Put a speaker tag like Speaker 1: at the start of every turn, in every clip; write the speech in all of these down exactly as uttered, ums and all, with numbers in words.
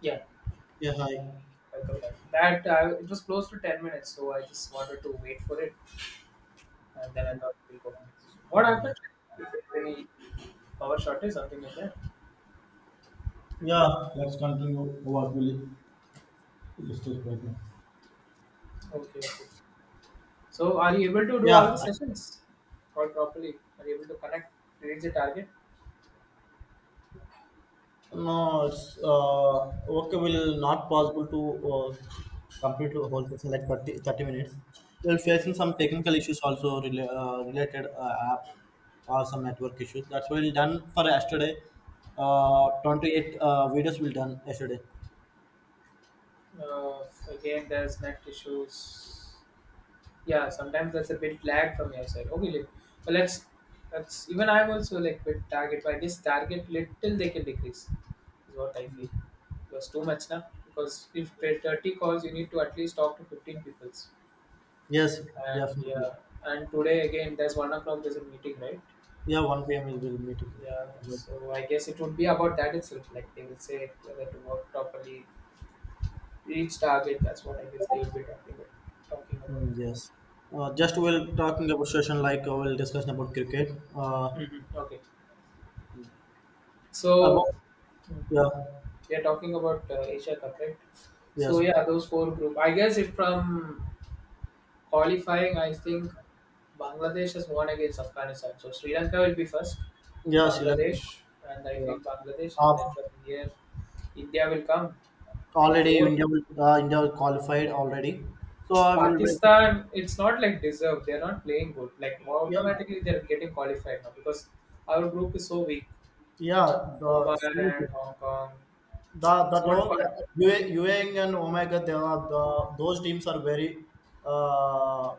Speaker 1: Yeah,
Speaker 2: Yeah, hi.
Speaker 1: welcome back. That uh, It was close to ten minutes, so I just wanted to wait for it, and then I thought we'll go for this. What
Speaker 2: Yeah, yeah.
Speaker 1: happened? Is it any power shortage, something like that?
Speaker 2: Yeah, let's continue what we discussed right now.
Speaker 1: Okay, okay. So, are you able to do all the
Speaker 2: Yeah,
Speaker 1: sessions all properly? Are you able to connect, reach the target?
Speaker 2: no, it's uh, okay. Will not possible to uh, complete the whole session like thirty thirty minutes. We're facing
Speaker 1: Mm.
Speaker 2: some technical issues also rela uh, related uh, app or some network issues. That's why we done for yesterday. Uh, twenty-eight uh, videos will done yesterday.
Speaker 1: Uh, Again, there's net issues. Yeah, sometimes that's a bit lag from your side. Okay, let, but let's, that's even I'm also like bit target. But I guess target little they can decrease is what I feel. Because too much now. Because if there are thirty calls, you need to at least talk to fifteen peoples.
Speaker 2: Yes,
Speaker 1: And
Speaker 2: definitely.
Speaker 1: yeah, and today again there's one o'clock. There's a meeting, right?
Speaker 2: Yeah, one p m we will meeting.
Speaker 1: Yeah. So I guess it would be about that itself. Like they will say whether to work properly, reach target. That's what I guess they will be talking about. Talking about.
Speaker 2: Yes. Uh, just we'll talking about session like uh, we'll discuss about cricket. Uh,
Speaker 1: Mhm. Okay. So,
Speaker 2: about yeah,
Speaker 1: we are talking about uh, Asia Cup, right? So
Speaker 2: yes,
Speaker 1: yeah, those four group. I guess if from qualifying, I think Bangladesh has won against Afghanistan. So Sri Lanka will be first,
Speaker 2: yeah, Sri Lanka.
Speaker 1: Bangladesh, and I
Speaker 2: Yeah.
Speaker 1: feel Bangladesh, and
Speaker 2: Uh,
Speaker 1: then from here, India will come. And
Speaker 2: already
Speaker 1: fourth,
Speaker 2: India will- uh, India will qualified already. So I will wait.
Speaker 1: Pakistan. It's not like deserved. They're not playing good. Like
Speaker 2: Yeah,
Speaker 1: automatically, they're getting qualified now because our group is so weak.
Speaker 2: yeah.
Speaker 1: Oman
Speaker 2: The, so
Speaker 1: and Hong Kong.
Speaker 2: The the
Speaker 1: It's not
Speaker 2: all
Speaker 1: fun.
Speaker 2: Ewing and Omega, they are the those teams are very uh,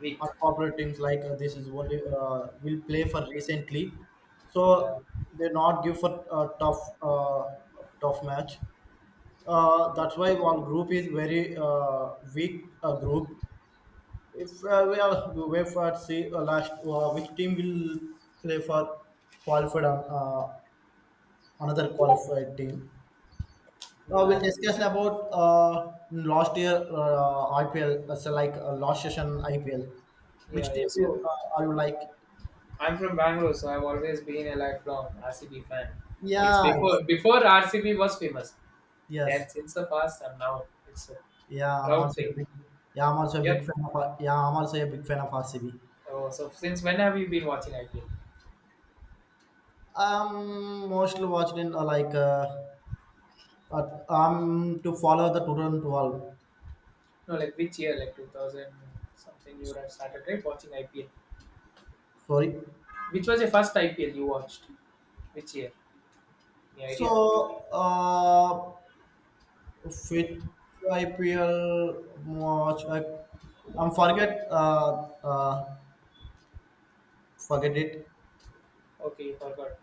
Speaker 1: Weak.
Speaker 2: unpopular teams. Like uh, this is only uh, will play for recently, so
Speaker 1: Yeah.
Speaker 2: they not give for a tough uh, tough match. Uh,
Speaker 1: Mm.
Speaker 2: that's why one group is very uh, weak uh, group. If uh, we are we wait for see uh, last uh, which team will play for qualified uh, another qualified team. Uh, we'll
Speaker 1: Yeah.
Speaker 2: discuss about uh, last year uh, I P L, uh, so like uh, last session I P L. Which
Speaker 1: Yeah, yeah.
Speaker 2: team you,
Speaker 1: So
Speaker 2: uh, are you like?
Speaker 1: I'm from Bangalore, so I've always been a lifelong R C B fan. It's
Speaker 2: Yeah,
Speaker 1: before before R C B was famous.
Speaker 2: yes,
Speaker 1: That's since the past and now it's a
Speaker 2: yeah. I'm
Speaker 1: proud
Speaker 2: also
Speaker 1: thing.
Speaker 2: a big, yeah. I'm also a big
Speaker 1: Yep.
Speaker 2: fan of. R- Yeah, I'm also a big fan of R C B.
Speaker 1: Oh, so since when have you been watching I P L?
Speaker 2: Um, mostly watched in uh, like uh, uh, um to follow the twenty twelve.
Speaker 1: No, like which year? Like two thousand something. You would have started right watching I P L.
Speaker 2: Sorry.
Speaker 1: Which was your first I P L you watched? Which year? Any idea?
Speaker 2: So uh, which I P L watch? I, I'm forget uh uh forget it.
Speaker 1: Okay, you forgot.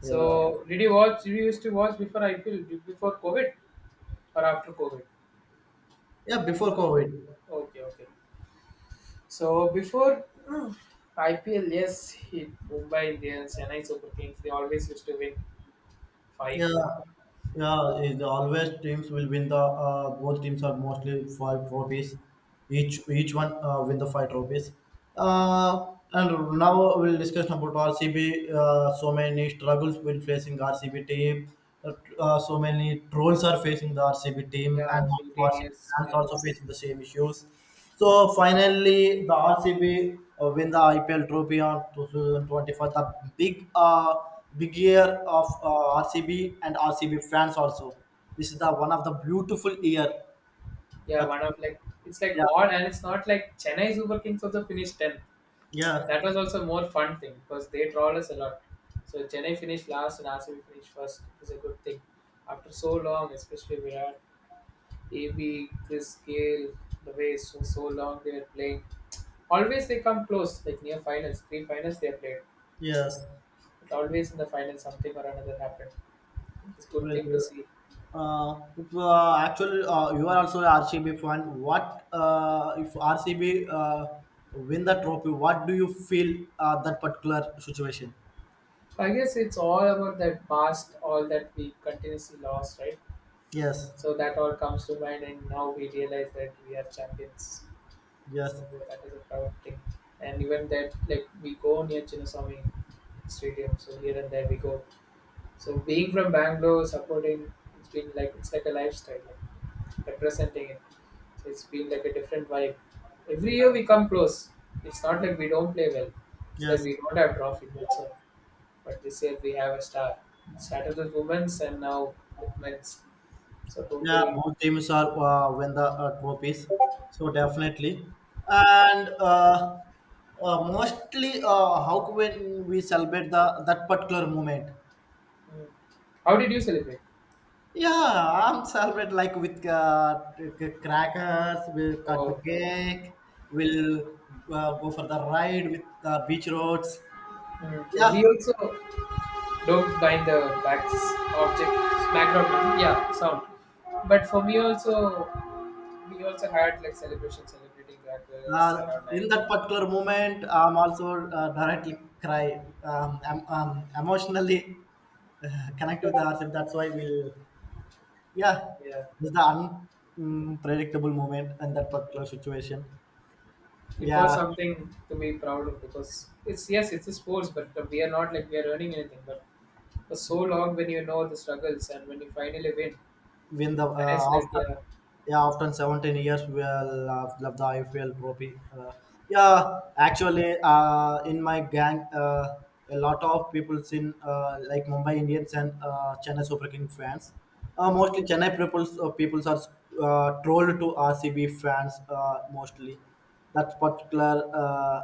Speaker 2: Yeah,
Speaker 1: So did you watch? Did you used to watch before I P L before COVID or after COVID?
Speaker 2: yeah.
Speaker 1: Yes,
Speaker 2: Before
Speaker 1: sir.
Speaker 2: COVID,
Speaker 1: Okay, okay. So before I P L, yes, he, Mumbai Indians, Chennai Super Kings, they always used to win
Speaker 2: yeah,
Speaker 1: five and
Speaker 2: yeah. Is always teams will win the uh, both teams are mostly five trophies. Each each one uh, win the five trophies. Uh, and now we'll discuss about R C B. Uh, so many struggles will facing R C B team. Uh, uh, so many trolls are facing the R C B team,
Speaker 1: yeah,
Speaker 2: and also
Speaker 1: eighteen
Speaker 2: R C B
Speaker 1: years in a
Speaker 2: fans also
Speaker 1: row.
Speaker 2: facing the same issues. So finally, the R C B uh, win the I P L trophy on twenty twenty-four. The big, uh, big year of uh, R C B and R C B fans also. This is the one of the beautiful year.
Speaker 1: Yeah,
Speaker 2: That
Speaker 1: one of like it's like
Speaker 2: yeah,
Speaker 1: odd, and it's not like Chennai Super Kings also finished tenth.
Speaker 2: yeah,
Speaker 1: That was also more fun thing because they troll us a lot. So Chennai finished last and R C B finished first. It was a good thing. After so long, especially Virat, A B, Chris Gale, the way so so long they were playing. Always they come close, like near finals, three finals they have played.
Speaker 2: yes.
Speaker 1: Always in the final something or another happened. It's a good
Speaker 2: Well,
Speaker 1: thing to see.
Speaker 2: uh, if, uh, actually, uh, you are also a R C B fan. What uh, if R C B uh, win the trophy? What do you feel uh, that particular situation?
Speaker 1: So I guess it's all about that past, all that we continuously lost, right?
Speaker 2: Yes,
Speaker 1: So that all comes to mind, and now we realize that we are champions.
Speaker 2: yes,
Speaker 1: So that is a proud thing. And even that, like we go near Chinnaswamy Stadium, so here and there we go. So being from Bangalore, supporting, it's been like it's like a lifestyle. Like, representing it. So it's been like a different vibe. Every year
Speaker 2: yes,
Speaker 1: we come close. It's not like we don't play well. It's that
Speaker 2: yes.
Speaker 1: we don't have trophy. That's all. But this year we have a star. Started with women's and now with men's. So
Speaker 2: Yeah,
Speaker 1: totally.
Speaker 2: both teams are uh, win the uh, trophies, so definitely. And uh, uh, mostly, uh, how when we celebrate the that particular moment?
Speaker 1: Mm. How did you celebrate?
Speaker 2: Yeah, I'm celebrate like with uh, c- c- crackers. We'll cut the
Speaker 1: Oh,
Speaker 2: cake. We'll uh, go for the ride with the beach roads.
Speaker 1: mm, so
Speaker 2: Yeah,
Speaker 1: we also don't bind the back object background. Yeah, sound. But for me also, we also had like celebration celebrating the girls
Speaker 2: Uh,
Speaker 1: around
Speaker 2: in
Speaker 1: night.
Speaker 2: that particular moment, I'm also uh, directly cry. Um, I'm, um, emotionally uh, connect with ourselves. That's why we'll, yeah,
Speaker 1: Yeah,
Speaker 2: it's the unpredictable moment in that particular situation.
Speaker 1: it was
Speaker 2: Yeah,
Speaker 1: something to be proud of because it's yes it's a sports but we are not like we are earning anything but for so long when you know the struggles and when you finally win
Speaker 2: win the
Speaker 1: and it's
Speaker 2: uh,
Speaker 1: like
Speaker 2: after
Speaker 1: yeah.
Speaker 2: yeah after seventeen years we'll uh, love the I P L trophy. Uh, yeah, actually, uh, in my gang, uh, a lot of people in uh, like Mumbai Indians and uh, Chennai Super King fans. Uh,
Speaker 1: Hmm,
Speaker 2: mostly Chennai peoples uh, peoples are uh, trolled to R C B fans uh, mostly. That particular uh,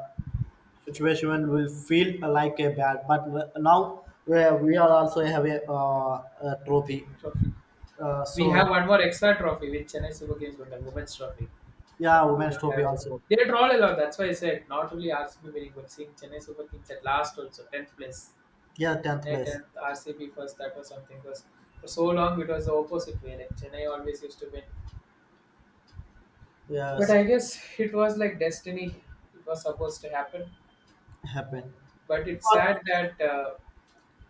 Speaker 2: situation will feel like a bad, but uh, now we we are also have a, uh, a trophy.
Speaker 1: trophy,
Speaker 2: Uh,
Speaker 1: we have
Speaker 2: so
Speaker 1: one more extra trophy with Chennai Super Kings but the women's trophy
Speaker 2: Yeah,
Speaker 1: they
Speaker 2: Women's
Speaker 1: don't
Speaker 2: Trophy
Speaker 1: have it,
Speaker 2: also.
Speaker 1: they draw a lot. That's why I said not only R C B winning but seeing Chennai Super Kings at last also tenth place.
Speaker 2: Yeah, tenth
Speaker 1: Chennai
Speaker 2: place.
Speaker 1: tenth, R C B first, that was something because for so long it was the opposite way, like Chennai always used to win. But
Speaker 2: Yes,
Speaker 1: I guess it was like destiny. It was supposed to happen.
Speaker 2: happened.
Speaker 1: But it's
Speaker 2: But
Speaker 1: sad that uh,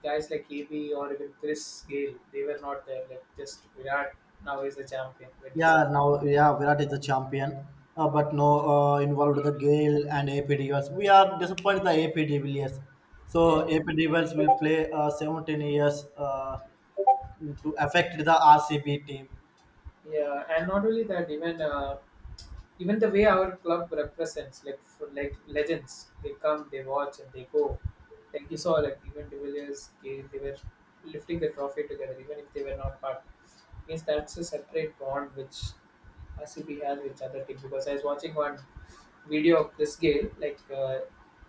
Speaker 1: guys like A B or even Chris Gale, they were not there. Like just Virat now is the champion when you see
Speaker 2: yeah, now yeah, Virat is the champion. Uh, but no, uh, involved the
Speaker 1: A B.
Speaker 2: Gale and A P Devils. We are disappointed the A P Devils. So
Speaker 1: Yeah,
Speaker 2: A P Devils will play uh, seventeen years uh, to affect the R C B team.
Speaker 1: yeah. And not only that, even uh, even the way our club represents like for, like legends, they come they watch and they go, like you saw, like even the Villiers, they, they were lifting the trophy together even if they were not part, means that's a separate bond which R C B has with other teams. Because I was watching one video of Chris Gale, like uh,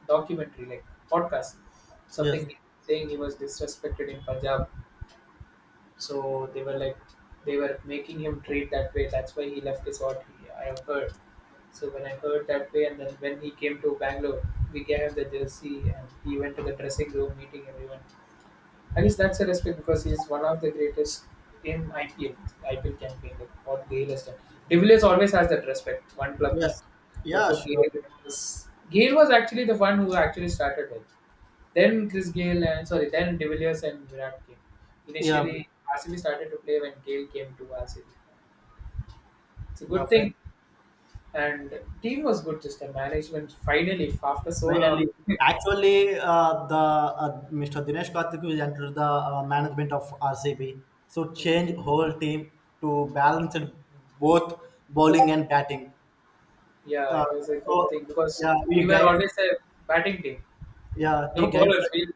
Speaker 1: documentary, like podcast, something,
Speaker 2: Yes,
Speaker 1: saying he was disrespected in Punjab, so they were like, they were making him treat that way. That's why he left. Is what he, I have heard. So when I heard that way, and then when he came to Bangalore, we gave him the jersey, and he went to the dressing room meeting everyone. I guess that's a respect because he's one of the greatest in I P L. I P L can be like what Gale has done. De Villiers always has that respect, one club man.
Speaker 2: yes,
Speaker 1: But
Speaker 2: yeah,
Speaker 1: for Gale,
Speaker 2: sure,
Speaker 1: it was Gale was actually the one who actually started it. Then Chris Gale and sorry, then De Villiers and Virat came.
Speaker 2: yeah,
Speaker 1: Initially, R C B started to play when Gale came to R C B. It's a good
Speaker 2: definitely.
Speaker 1: thing, and team was good. Just the management finally after so long.
Speaker 2: Finally, actually, uh, the uh, mister Dinesh Karthik will enter the uh, management of R C B. So
Speaker 1: Mm,
Speaker 2: change whole team to balance it both bowling and batting.
Speaker 1: yeah,
Speaker 2: Uh,
Speaker 1: it was a good
Speaker 2: so
Speaker 1: thing because
Speaker 2: yeah,
Speaker 1: we
Speaker 2: he
Speaker 1: were
Speaker 2: guides.
Speaker 1: always a batting team.
Speaker 2: Yeah, he
Speaker 1: No
Speaker 2: guides.
Speaker 1: bowlers. We'll,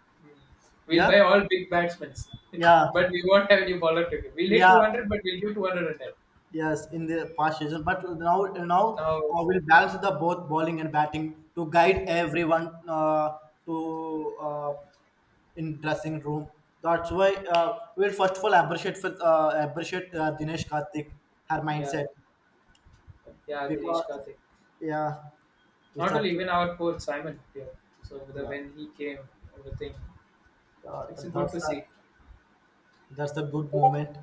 Speaker 1: we'll
Speaker 2: Yeah,
Speaker 1: buy all big batsmen.
Speaker 2: yeah,
Speaker 1: But we won't have any bowler to give. We'll hit
Speaker 2: yeah.
Speaker 1: two hundred, but we'll give two hundred and help.
Speaker 2: Yes, in the past season, but now now
Speaker 1: Now,
Speaker 2: uh, we'll balance the both bowling and batting to guide everyone uh, to uh, in dressing room. That's why uh, we'll first of all appreciate for, uh, appreciate uh, Dinesh Karthik her
Speaker 1: yeah,
Speaker 2: mindset
Speaker 1: yeah,
Speaker 2: because
Speaker 1: Dinesh Karthik.
Speaker 2: yeah, it's
Speaker 1: Not
Speaker 2: a
Speaker 1: only even our coach Simon here. So the,
Speaker 2: yeah
Speaker 1: when he came, everything.
Speaker 2: uh,
Speaker 1: It's good
Speaker 2: that's
Speaker 1: to
Speaker 2: a
Speaker 1: see.
Speaker 2: that's a good moment.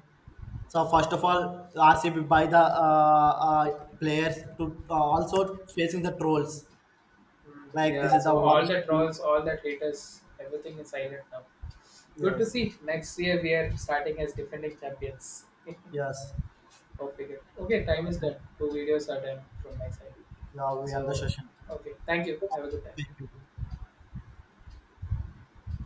Speaker 2: So first of all, R C B by the uh, uh, players to uh, also facing the trolls.
Speaker 1: Mm,
Speaker 2: Like this
Speaker 1: yeah,
Speaker 2: is the
Speaker 1: so all
Speaker 2: worst
Speaker 1: the
Speaker 2: thing.
Speaker 1: trolls, all the haters, everything is silent now. Good to
Speaker 2: Yes.
Speaker 1: see. Next year we are starting as defending champions.
Speaker 2: Yes.
Speaker 1: Hope we get- okay, time is
Speaker 2: Okay.
Speaker 1: done. Two videos are done from my side.
Speaker 2: Yeah, we end the
Speaker 1: So,
Speaker 2: session.
Speaker 1: okay, thank you. Have a good time.
Speaker 2: Thank you.